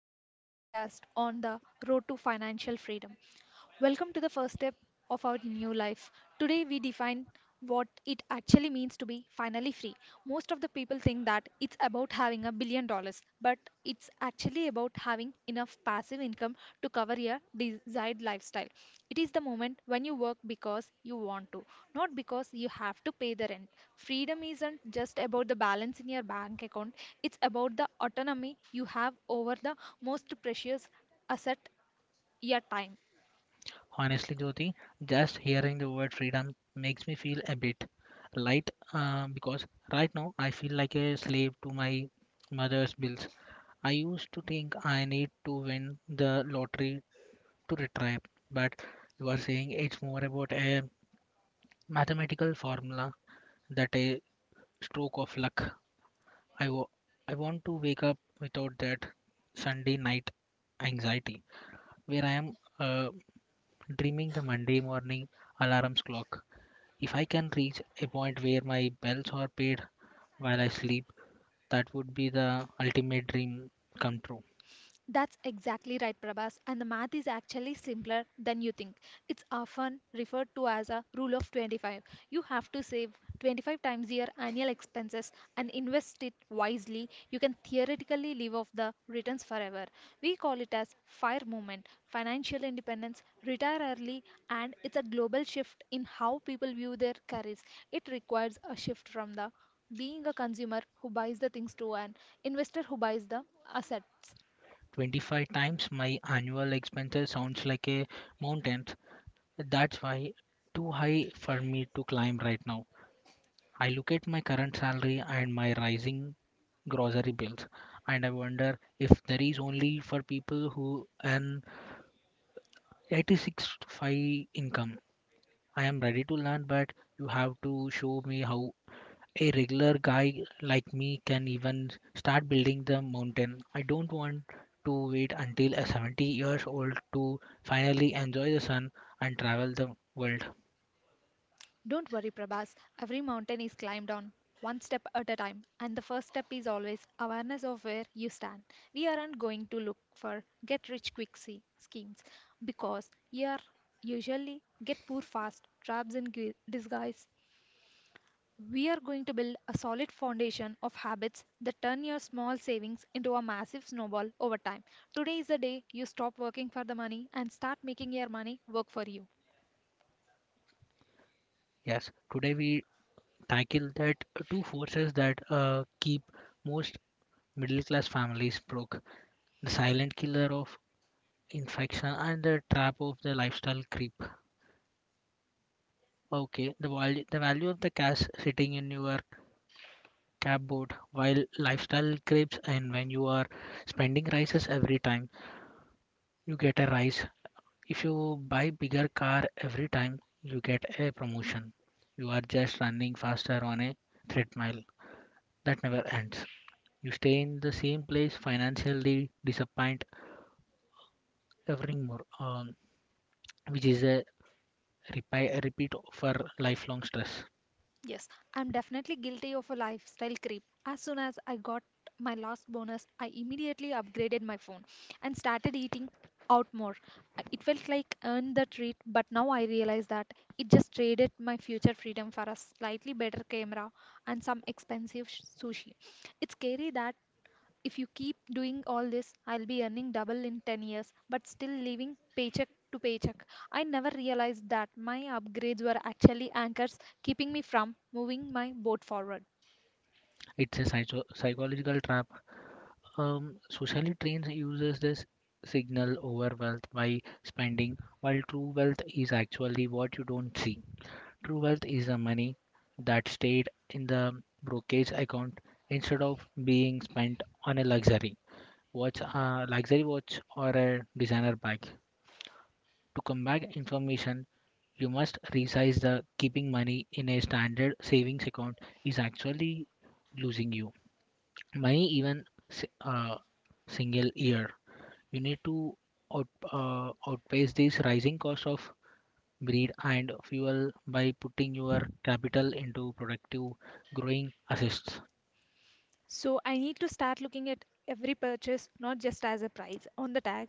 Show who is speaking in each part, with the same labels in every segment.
Speaker 1: back to our podcast on the road to financial freedom. Welcome to the first step of our new life. Today we define what it actually means to be finally free. Most of the people think that it's about having $1 billion, but it's actually about having enough passive income to cover your desired lifestyle. It is the moment when you work because you want to, not because you have to pay the rent. Freedom isn't just about the balance in your bank account, it's about the autonomy you have over the most precious asset, your time.
Speaker 2: Honestly, Jyoti, just hearing the word freedom makes me feel a bit light because right now I feel like a slave to my mother's bills. I used to think I need to win the lottery to retire, but you are saying it's more about a mathematical formula that a stroke of luck. I w- I want to wake up without that Sunday night anxiety where I am uh, dreaming the Monday morning alarms clock. If I can reach a point where my bills are paid while I sleep, that would be the ultimate dream come true.
Speaker 1: That's exactly right, Prabhas. And the math is actually simpler than you think. It's often referred to as a rule of 25. You have to save 25 times your annual expenses and invest it wisely. You can theoretically live off the returns forever. We call it as FIRE movement, financial independence, retire early, and it's a global shift in how people view their careers. It requires a shift from the being a consumer who buys the things to an investor who buys the assets.
Speaker 2: 25 times my annual expenses sounds like a mountain. That's why too high for me to climb right now. I look at my current salary and my rising grocery bills and I wonder if there is only for people who earn 86 5 income. I am ready to learn, but you have to show me how a regular guy like me can even start building the mountain. I don't want to wait until a 70 years old to finally enjoy the sun and travel the world.
Speaker 1: Don't worry, Prabhas. Every mountain is climbed on one step at a time, and the first step is always awareness of where you stand. We aren't going to look for get rich quick schemes because you are usually get poor fast traps in disguise. We are going to build a solid foundation of habits that turn your small savings into a massive snowball over time. Today is the day you stop working for the money and start making your money work for you.
Speaker 2: Yes, today we tackle that two forces that keep most middle class families broke, the silent killer of infection and the trap of the lifestyle creep. Okay, the value of the cash sitting in your cupboard while lifestyle creeps, and when you are spending rises every time you get a rise, if you buy bigger car every time you get a promotion, you are just running faster on a treadmill that never ends. You stay in the same place financially disappoint every more which is a repeat for lifelong stress.
Speaker 1: Yes, I'm definitely guilty of a lifestyle creep. As soon as I got my last bonus, I immediately upgraded my phone and started eating out more. It felt like earned the treat, but now I realize that it just traded my future freedom for a slightly better camera and some expensive sushi. It's scary that if you keep doing all this, I'll be earning double in 10 years, but still living paycheck to paycheck. I never realized that my upgrades were actually anchors keeping me from moving my boat forward.
Speaker 2: It's a psychological trap. Socially trained users this signal over wealth by spending, while true wealth is actually what you don't see. True wealth is the money that stayed in the brokerage account instead of being spent on a luxury watch or a designer bag. To combat information, you must resize the keeping money in a standard savings account is actually losing you many even si- uh, single year. You need to outpace this rising cost of breed and fuel by putting your capital into productive growing assists.
Speaker 1: So I need to start looking at every purchase not just as a price on the tag,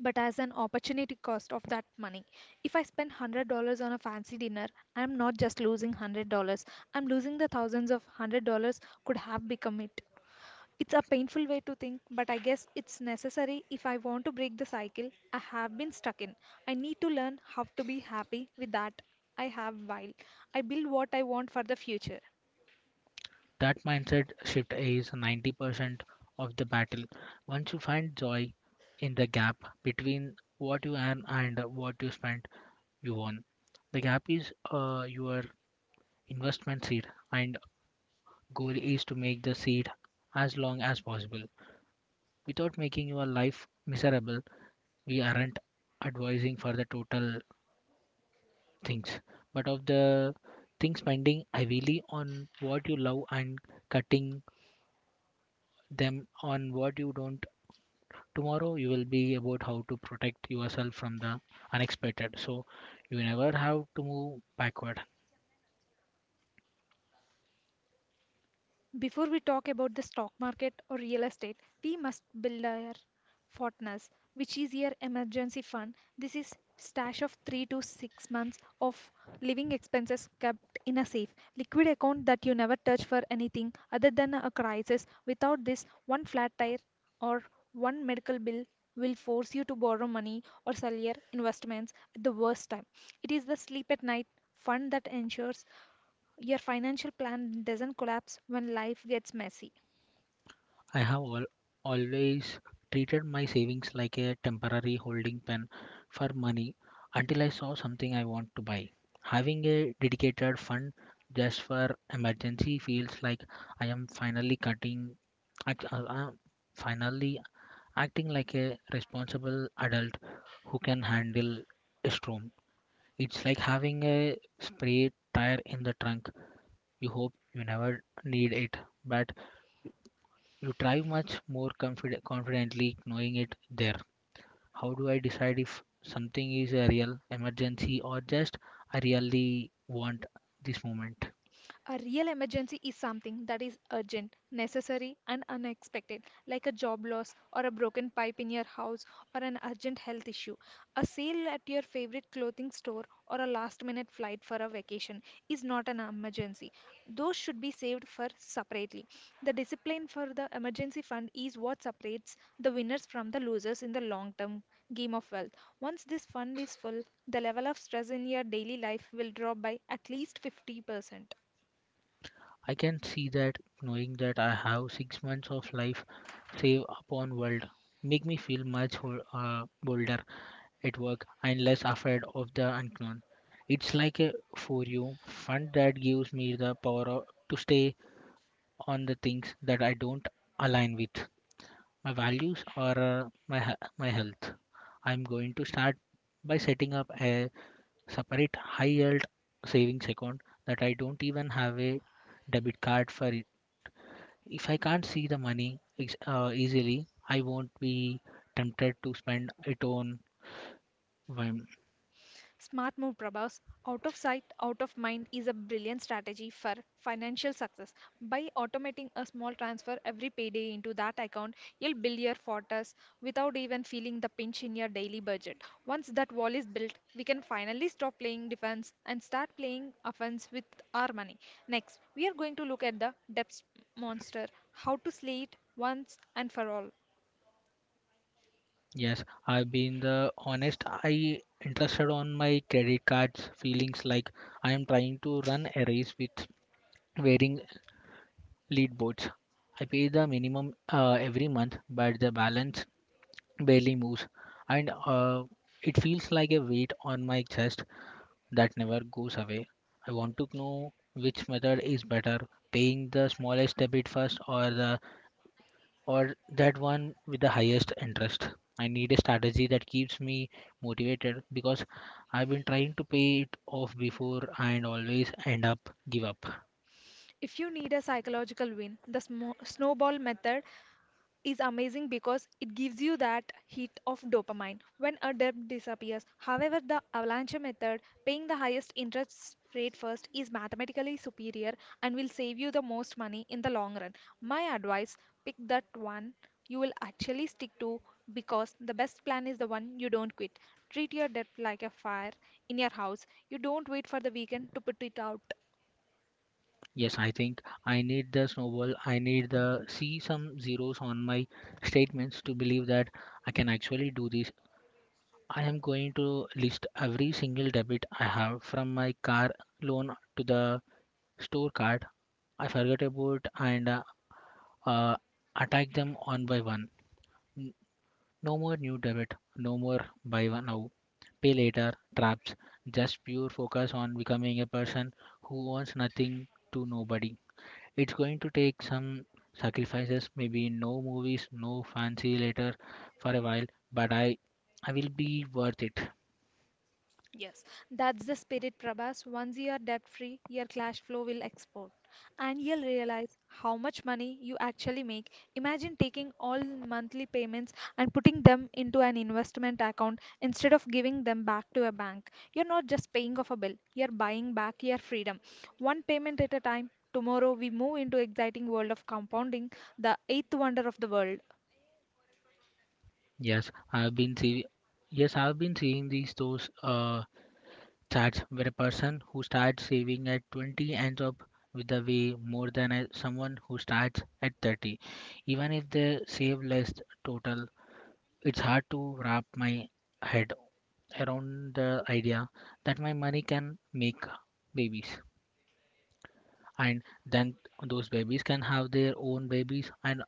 Speaker 1: but as an opportunity cost of that money. If I spend $100 on a fancy dinner, I'm not just losing $100, I'm losing the thousands of $100 could have become it. It's a painful way to think, but I guess it's necessary if I want to break the cycle I have been stuck in. I need to learn how to be happy with that I have while I build what I want for the future.
Speaker 2: That mindset shift is 90% of the battle. Once you find joy in the gap between what you earn and what you spend, you won. The gap is your investment seed, and goal is to make the seed as long as possible, without making your life miserable. We aren't advising for the total things, but of the things spending heavily on what you love and cutting them on what you don't. Tomorrow you will be about how to protect yourself from the unexpected, so you never have to move backward.
Speaker 1: Before we talk about the stock market or real estate, we must build our fortness, which is your emergency fund. This is stash of 3 to 6 months of living expenses kept in a safe liquid account that you never touch for anything other than a crisis. Without this, one flat tire or one medical bill will force you to borrow money or sell your investments at the worst time. It is the sleep at night fund that ensures your financial plan doesn't collapse when life gets messy.
Speaker 2: I have al- always treated my savings like a temporary holding pen for money until I saw something I want to buy. Having a dedicated fund just for emergency feels like I am finally act, uh, uh, finally acting like a responsible adult who can handle a storm. It's like having a spare tire in the trunk. You hope you never need it, but you drive much more confidently knowing it there. How do I decide if something is a real emergency or just I really want this moment?
Speaker 1: A real emergency is something that is urgent, necessary, and unexpected, like a job loss or a broken pipe in your house or an urgent health issue. A sale at your favorite clothing store or a last minute flight for a vacation is not an emergency. Those should be saved for separately. The discipline for the emergency fund is what separates the winners from the losers in the long term game of wealth. Once this fund is full, the level of stress in your daily life will drop by at least 50%.
Speaker 2: I can see that knowing that I have 6 months of life save upon world make me feel much bolder at work and less afraid of the unknown. It's like a for you fund that gives me the power to stay on the things that I don't align with my values or my my health. I'm going to start by setting up a separate high yield savings account that I don't even have a debit card for it. If I can't see the money easily, I won't be tempted to spend it on whim.
Speaker 1: Smart move, Prabhas. Out of sight, out of mind is a brilliant strategy for financial success. By automating a small transfer every payday into that account, you'll build your fortress without even feeling the pinch in your daily budget. Once that wall is built, we can finally stop playing defense and start playing offense with our money. Next, we are going to look at the debt monster, how to slay it once and for all.
Speaker 2: Yes, I've been the honest I interested on my credit cards feelings like I am trying to run a race with wearing lead boards. I pay the minimum every month, but the balance barely moves, and it feels like a weight on my chest that never goes away. I want to know which method is better, paying the smallest debit first, or the or that one with the highest interest. I need a strategy that keeps me motivated, because I've been trying to pay it off before and always end up give up.
Speaker 1: If you need a psychological win, the snowball method is amazing because it gives you that hit of dopamine when a debt disappears. However, the avalanche method, paying the highest interest rate first, is mathematically superior and will save you the most money in the long run. My advice pick that one you will actually stick to because the best plan is the one you don't quit. Treat your debt like a fire in your house. You don't wait for the weekend to put it out.
Speaker 2: Yes, I think I need the snowball. I need the see some zeros on my statements to believe that I can actually do this. I am going to list every single debit I have from my car loan to the store card I forgot about and uh, attack them one by one. N- No more new debit, no more buy one now, pay later traps. Just pure focus on becoming a person who owns nothing to nobody. It's going to take some sacrifices, maybe no movies, no fancy later for a while, but I will be worth it.
Speaker 1: Yes, that's the spirit, Prabhas. Once you are debt free, your cash flow will explode, and you'll realize how much money you actually make. Imagine taking all monthly payments and putting them into an investment account instead of giving them back to a bank. You're not just paying off a bill, you're buying back your freedom. One payment at a time. Tomorrow we move into exciting world of compounding, the eighth wonder of the world.
Speaker 2: Yes, I've been see yes, I've been seeing these those charts where a person who starts saving at 20 ends up with a way more than a, someone who starts at 30. Even if they save less total, it's hard to wrap my head around the idea that my money can make babies, and then those babies can have their own babies. And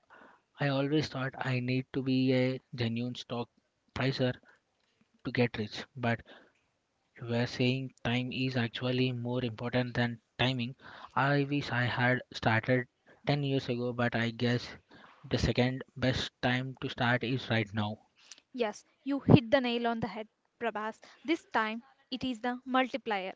Speaker 2: I always thought I need to be a genuine stock pricer to get rich, but you were saying time is actually more important than timing. I wish I had started 10 years ago, but I guess the second best time to start is right now.
Speaker 1: Yes, you hit the nail on the head, Prabhas. This time it is the multiplier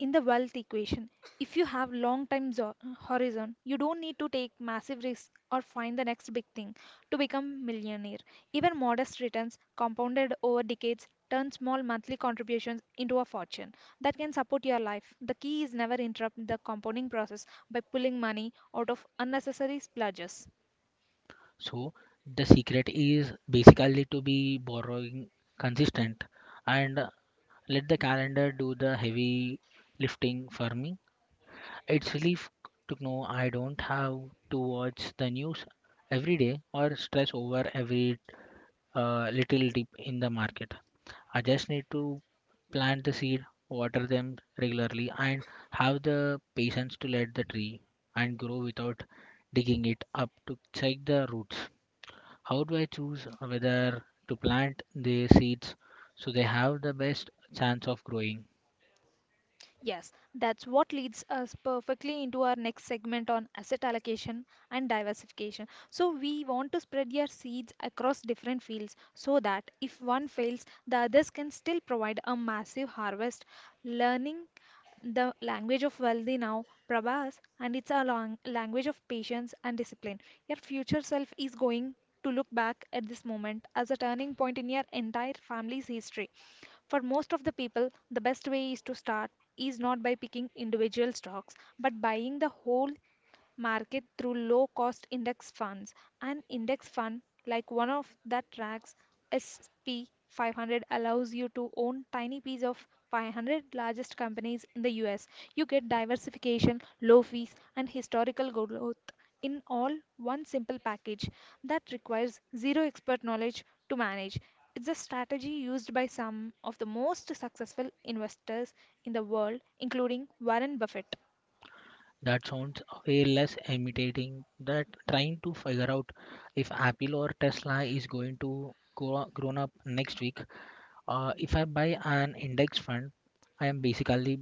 Speaker 1: in the wealth equation. If you have long time horizon, you don't need to take massive risks or find the next big thing to become millionaire. Even modest returns compounded over decades turn small monthly contributions into a fortune that can support your life. The key is never interrupt the compounding process by pulling money out of unnecessary splurges.
Speaker 2: So the secret is basically to be borrowing consistent, and let the calendar do the heavy lifting for me. It's relief to know I don't have to watch the news every day or stress over every little dip in the market. I just need to plant the seed, water them regularly, and have the patience to let the tree and grow without digging it up to check the roots. How do I choose whether to plant the seeds so they have the best chance of growing?
Speaker 1: Yes, that's what leads us perfectly into our next segment on asset allocation and diversification. So, we want to spread your seeds across different fields so that if one fails, the others can still provide a massive harvest. Learning the language of wealthy now, Prabhas, and it's a long language of patience and discipline. Your future self is going to look back at this moment as a turning point in your entire family's history. For most of the people, the best way is to start is not by picking individual stocks, but buying the whole market through low cost index funds. An index fund, like one of that tracks S&P 500, allows you to own tiny piece of 500 largest companies in the US. You get diversification, low fees, and historical growth in all one simple package that requires zero expert knowledge to manage. It's a strategy used by some of the most successful investors in the world, including Warren Buffett.
Speaker 2: That sounds way less intimidating that trying to figure out if Apple or Tesla is going to go grown up next week. If I buy an index fund, I am basically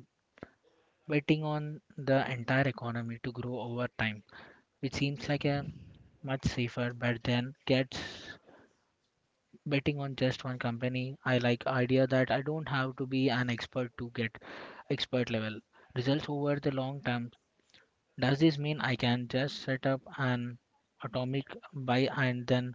Speaker 2: betting on the entire economy to grow over time, which seems like a much safer bet than gets betting on just one company. I like idea that I don't have to be an expert to get expert level results over the long term. Does this mean I can just set up an atomic buy and then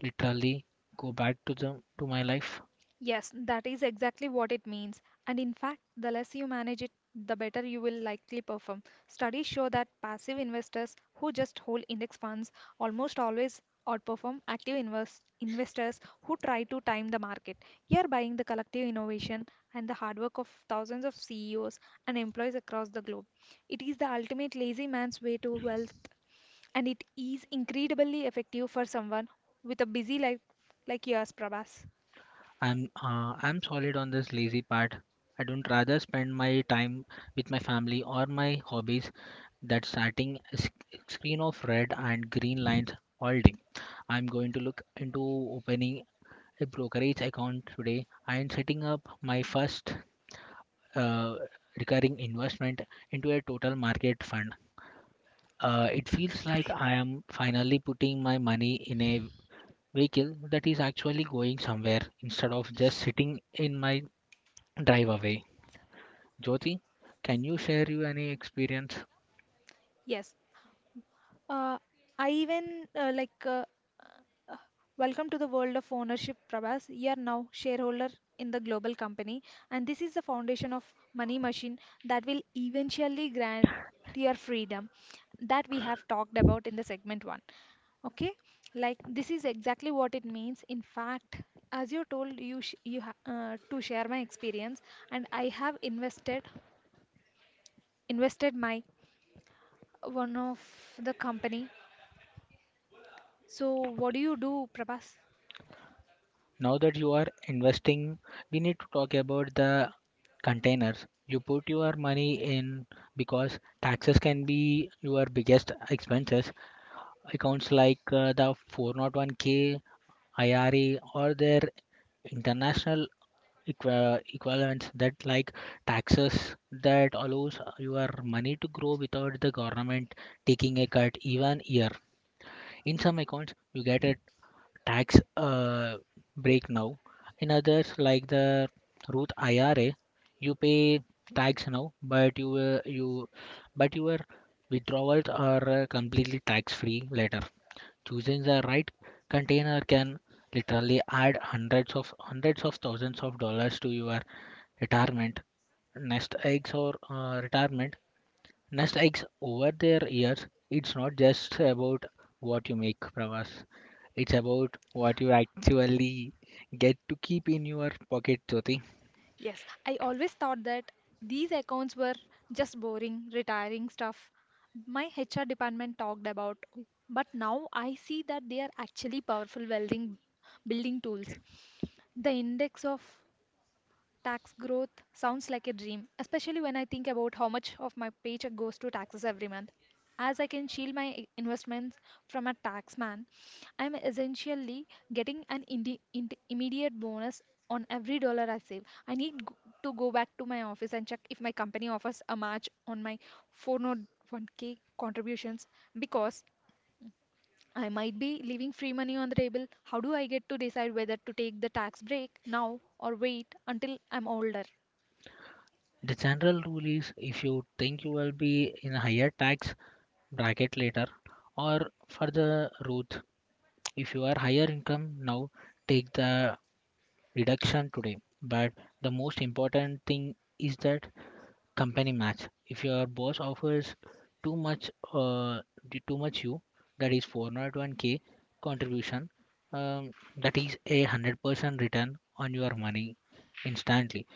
Speaker 2: literally go back to the to my life?
Speaker 1: Yes, that is exactly what it means. And in fact, the less you manage it, the better you will likely perform. Studies show that passive investors who just hold index funds almost always outperform active investors who try to time the market. You're buying the collective innovation and the hard work of thousands of CEOs and employees across the globe. It is the ultimate lazy man's way to wealth, and it is incredibly effective for someone with a busy life like yours, Prabhas.
Speaker 2: I'm solid on this lazy part. I don't rather spend my time with my family or my hobbies that starting a screen of red and green lines all day. I'm going to look into opening a brokerage account today and setting up my first uh, recurring investment into a total market fund. It feels like I am finally putting my money in a vehicle that is actually going somewhere instead of just sitting in my drive away. Jyoti, can you share you any experience?
Speaker 1: Yes. Uh, I even like uh, Welcome to the world of ownership, Prabhas. You are now shareholder in the global company, and this is the foundation of money machine that will eventually grant your freedom that we have talked about in the segment one. Okay, like this is exactly what it means. In fact, as you told you sh you ha to share my experience, and I have invested my one of the company. So, what
Speaker 2: Okay,
Speaker 1: do you do, Prabhas?
Speaker 2: now that you are investing, we need to talk about the containers. You put your money in because taxes can be your biggest expenses. Accounts like the 401k, IRA, or their international equivalents that like taxes that allows your money to grow without the government taking a cut even year. In some accounts you get a tax break now, in others like the ruth ira you pay tax now, but you you but your withdrawals are completely tax free later. Choosing the right container can literally add hundreds of thousands of dollars to your retirement nest eggs over their years. It's not just about what you make, Pravas. It's about what you actually get to keep in your pocket, Jyoti.
Speaker 1: Yes, I always thought that these accounts were just boring, retiring stuff my HR department talked about. But now I see that they are actually powerful welding building tools. The index of Tax growth sounds like a dream, especially when I think about how much of my paycheck goes to taxes every month. As I can shield my investments from a tax man, I'm essentially getting an immediate bonus on every dollar I save. I need to go back to my office and check if my company offers a match on my 401k contributions because I might be leaving free money on the table. How do I get to decide whether to take the tax break now or wait until I'm older?
Speaker 2: The general rule is if you think you will be in a higher tax bracket later, or further the if you are higher income now, take the reduction today. But the most important thing is that company match. If your boss offers too much, uh, too much you, that is 401k contribution, um, that is a 100% return on your money instantly.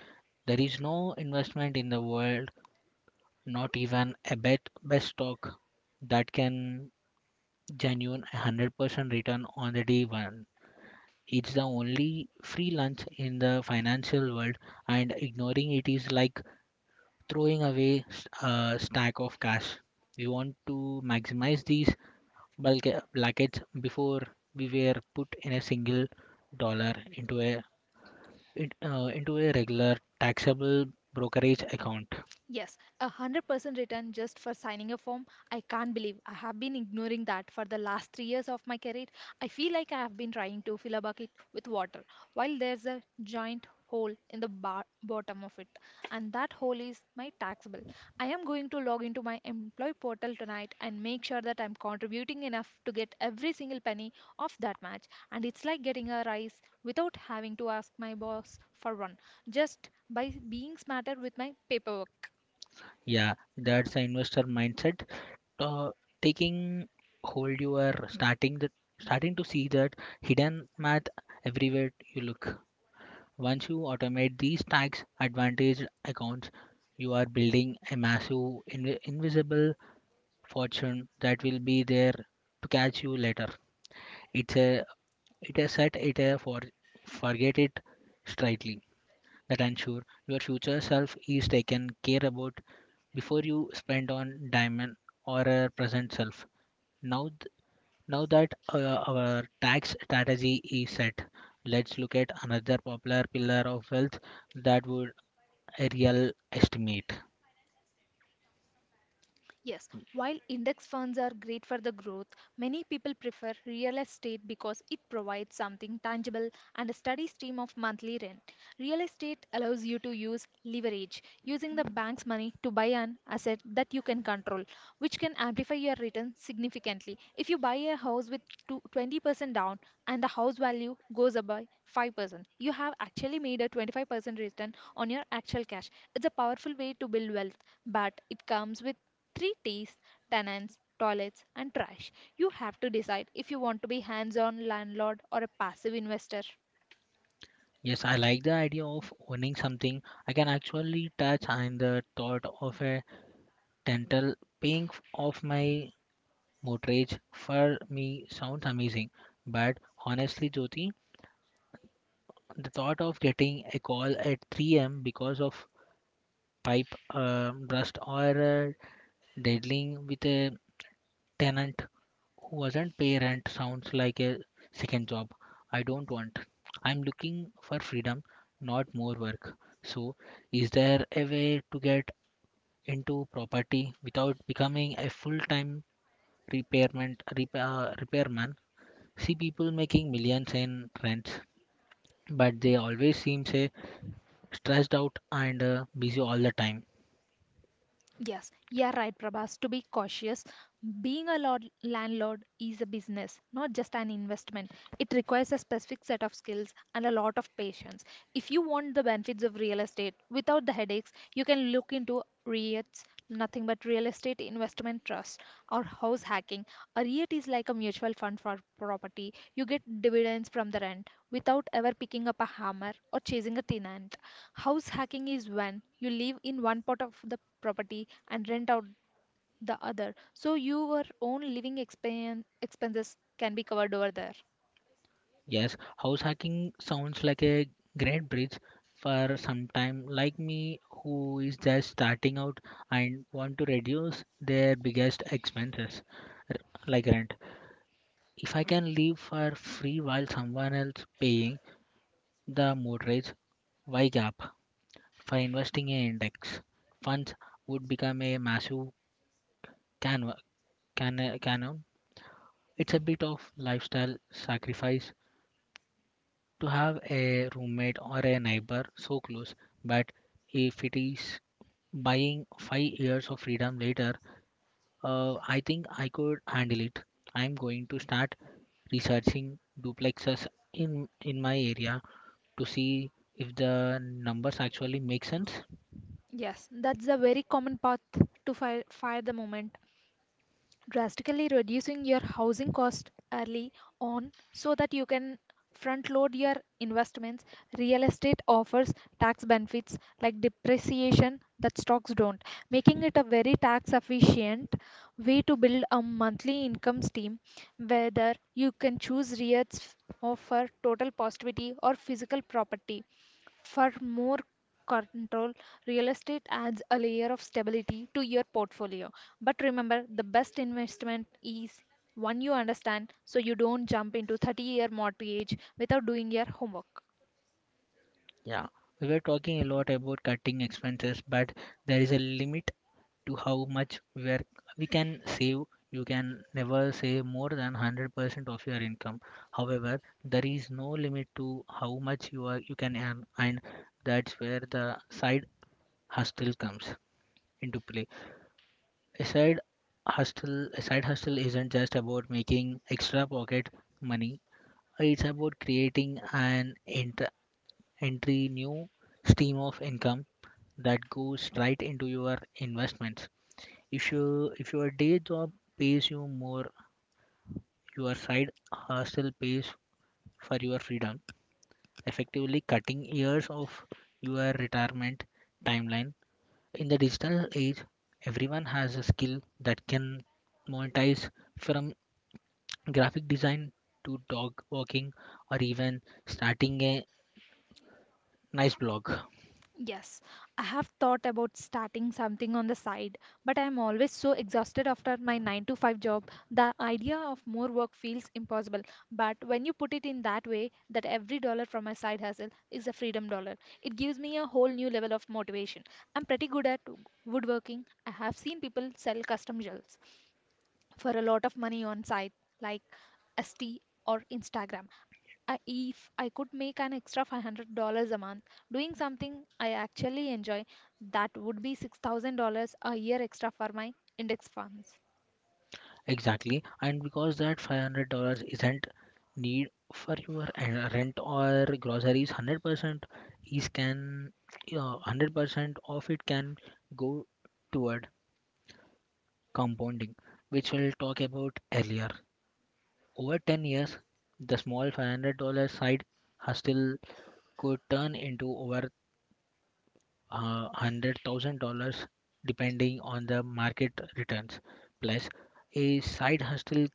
Speaker 2: There is no investment in the world, not even a bet best stock that can genuine 100% return on the day one. It's the only free lunch in the financial world, and ignoring it is like throwing away a stack of cash. We want to maximize these bulk blankets before we were put in a single dollar into into a regular taxable brokerage account.
Speaker 1: Yes, 100% return just for signing a form. I can't believe I have been ignoring that for the last 3 years of my career. I feel like I have been trying to fill a bucket with water while there's a giant hole in the bottom of it, and that hole is my tax bill. I am going to log into my employee portal tonight and make sure that I'm contributing enough to get every single penny of that match. And it's like getting a rise without having to ask my boss for one, just by being smarter with my paperwork.
Speaker 2: Yeah, that's the investor mindset. Uh, taking you are starting to see that hidden math everywhere you look. Once you automate these tax advantage accounts, you are building a massive invisible fortune that will be there to catch you later. It's a it is set it a for forget it straightly that ensure your future self is taken care about before you spend on diamond or a present self. Now th- now that our tax strategy is set. Let's look at another popular pillar of wealth that would a real estimate.
Speaker 1: Yes, while index funds are great for the growth, many people prefer real estate because it provides something tangible and a steady stream of monthly rent. Real estate allows you to use leverage, using the bank's money to buy an asset that you can control, which can amplify your return significantly. If you buy a house with 20% down and the house value goes up by 5%, you have actually made a 25% return on your actual cash. It's a powerful way to build wealth, but it comes with three T's: tenants, toilets, and trash. You have to decide if you want to be hands on landlord or a passive investor.
Speaker 2: Yes, I like the idea of owning something I can actually touch, and the thought of a dental paying off my mortgage for me sounds amazing. But honestly, Jyoti, the thought of getting a call at 3 a.m. because of pipe rust or dealing with a tenant doesn't pay rent sounds like a second job I don't want. I'm looking for freedom, not more work. So, is there a way to get into property without becoming a full-time repairman? See people making millions in rents, but they always seem say stressed out and busy all the time.
Speaker 1: Yes, you're right, Prabhas. To be cautious, being landlord is a business, not just an investment. It requires a specific set of skills and a lot of patience. If you want the benefits of real estate without the headaches, you can look into REITs, nothing but real estate investment trust, or house hacking. A REIT is like a mutual fund for property. You get dividends from the rent without ever picking up a hammer or chasing a tenant. House hacking is when you live in one part of the property and rent out the other, so your own living expenses can be covered over there.
Speaker 2: Yes, house hacking sounds like a great bridge for sometime like me who is just starting out and want to reduce their biggest expenses r- like rent. If I can live for free while someone else paying the mortgage, why gap for investing in index funds would become a massive canva, canon. It's a bit of lifestyle sacrifice to have a roommate or a neighbor so close, but if it is buying 5 years of freedom later, I think I could handle it. I'm going to start researching duplexes in my area to see if the numbers actually make sense.
Speaker 1: Yes, that's a very common path to fire the moment, drastically reducing your housing cost early on so that you can front load your investments. Real estate offers tax benefits like depreciation that stocks don't, making it a very tax efficient way to build a monthly income stream. Whether you can choose REITs offer total positivity or physical property. For more control, real estate adds a layer of stability to your portfolio. But remember, the best investment is one you understand, so you don't jump into 30-year mortgage without doing your homework.
Speaker 2: Yeah, we were talking a lot about cutting expenses, but there is a limit to how much we can save. You can never save more than 100% of your income. However, there is no limit to how much you can earn, and that's where the side hustle comes into play. a side a side hustle isn't just about making extra pocket money. It's about creating an ent- entry new stream of income that goes right into your investments. If your day job pays you more, your side hustle pays for your freedom, effectively cutting years of your retirement timeline. In the digital age, everyone has a skill that can monetize, from graphic design to dog walking, or even starting a nice blog.
Speaker 1: Yes, I have thought about starting something on the side, but I am always so exhausted after my 9 to 5 job. The idea of more work feels impossible, but when you put it in that way, that every dollar from my side hustle is a freedom dollar, it gives me a whole new level of motivation. I'm pretty good at woodworking. I have seen people sell custom jewels, for a lot of money on site like ST or Instagram. If I could make an extra $500 a month doing something I actually enjoy, that would be $6,000 a year extra for my index funds.
Speaker 2: Exactly, and because that $500 isn't need for your rent or groceries, 100% is can uh, 100% of it can go toward compounding, which we'll talk about earlier. Over 10 years, the small $500 side hustle could turn into over $100,000 depending on the market returns. Plus, a side hustle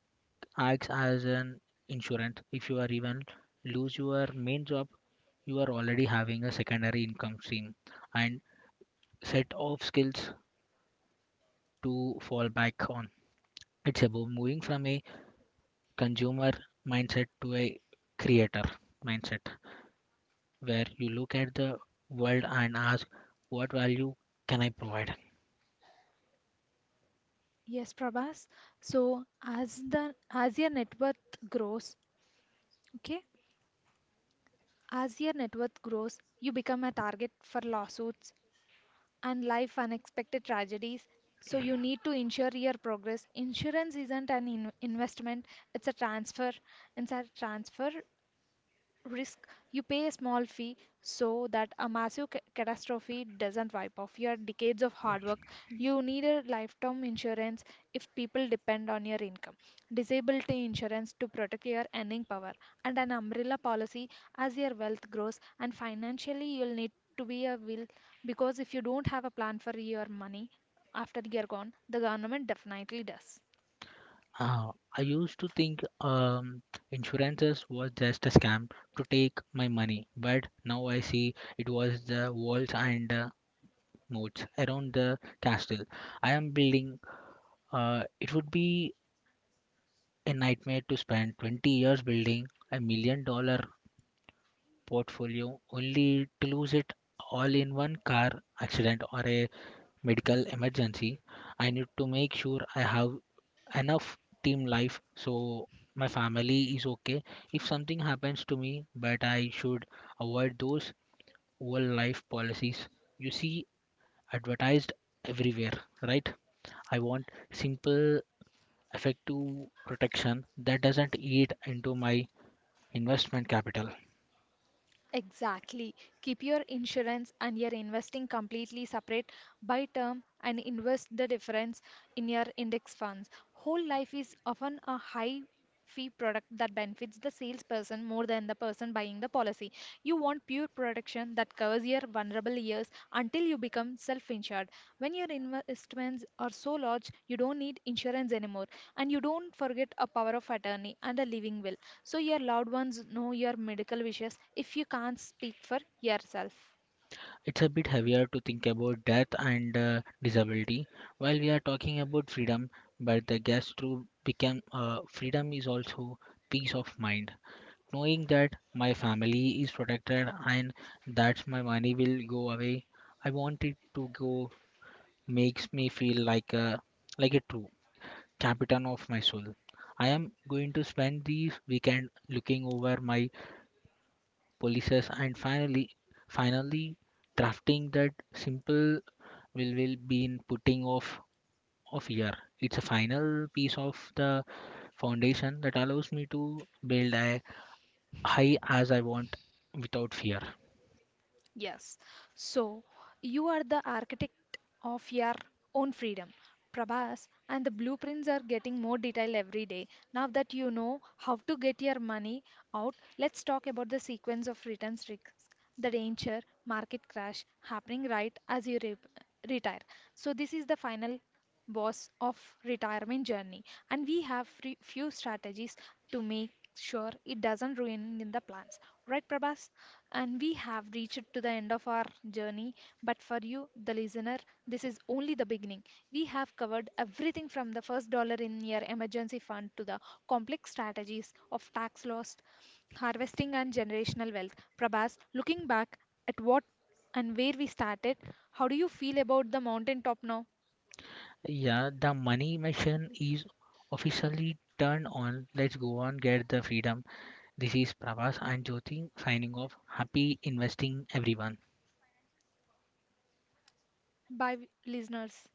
Speaker 2: acts as an insurance. If you are even lose your main job, you are already having a secondary income stream and set of skills to fall back on. It's about moving from a consumer mindset to a creator mindset, where you look at the world and ask, what value can I provide?
Speaker 1: Yes, Prabhas. So as your net worth grows, okay, as your net worth grows, you become a target for lawsuits and life unexpected tragedies. So you need to insure your progress. Insurance isn't an investment; it's a transfer. It's a transfer risk. You pay a small fee so that a massive catastrophe doesn't wipe off your decades of hard work. You need a lifetime insurance if people depend on your income, disability insurance to protect your earning power, and an umbrella policy as your wealth grows. And financially you'll need to be a will, because if you don't have a plan for your money after you're gone, the government definitely does.
Speaker 2: Uh, I used to think insurances was just a scam to take my money, but now I see it was the walls and moats around the castle I am building. It would be a nightmare to spend 20 years building a $1 million portfolio only to lose it all in one car accident or a medical emergency. I need to make sure I have enough team life so my family is okay if something happens to me, but I should avoid those whole life policies you see advertised everywhere, right? I want simple effective protection that doesn't eat into my investment capital.
Speaker 1: Exactly. Keep your insurance and your investing completely separate. By term and invest the difference in your index funds. Whole life is often a high fee product that benefits the salesperson more than the person buying the policy. You want pure protection that covers your vulnerable years until you become self insured. When your investments are so large, you don't need insurance anymore. And you don't forget a power of attorney and a living will, so your loved ones know your medical wishes if you can't speak for yourself.
Speaker 2: It's a bit heavier to think about death and disability while we are talking about freedom, but the guess through become freedom is also peace of mind. Knowing that my family is protected and that my money will go away, I want it to go, makes me feel like a true captain of my soul. I am going to spend this weekend looking over my policies, and finally drafting that simple will be in putting off of year. It's a final piece of the foundation that allows me to build a high as I want without fear.
Speaker 1: Yes. So you are the architect of your own freedom, Prabhas, and the blueprints are getting more detailed every day. Now that you know how to get your money out, let's talk about the sequence of returns risks, the danger, market crash happening right as you retire. So this is the final boss of retirement journey and we have few strategies to make sure it doesn't ruin in the plans. Right, Prabhas? And we have reached to the end of our journey, but for you, the listener, this is only the beginning. We have covered everything from the first dollar in your emergency fund to the complex strategies of tax loss, harvesting, and generational wealth. Prabhas, looking back at what and where we started, how do you feel about the mountaintop now?
Speaker 2: Yeah, the money machine is officially turned on. Let's go on get the freedom. This is Prabhas and Jyoti signing off. Happy investing, everyone.
Speaker 1: Bye, listeners.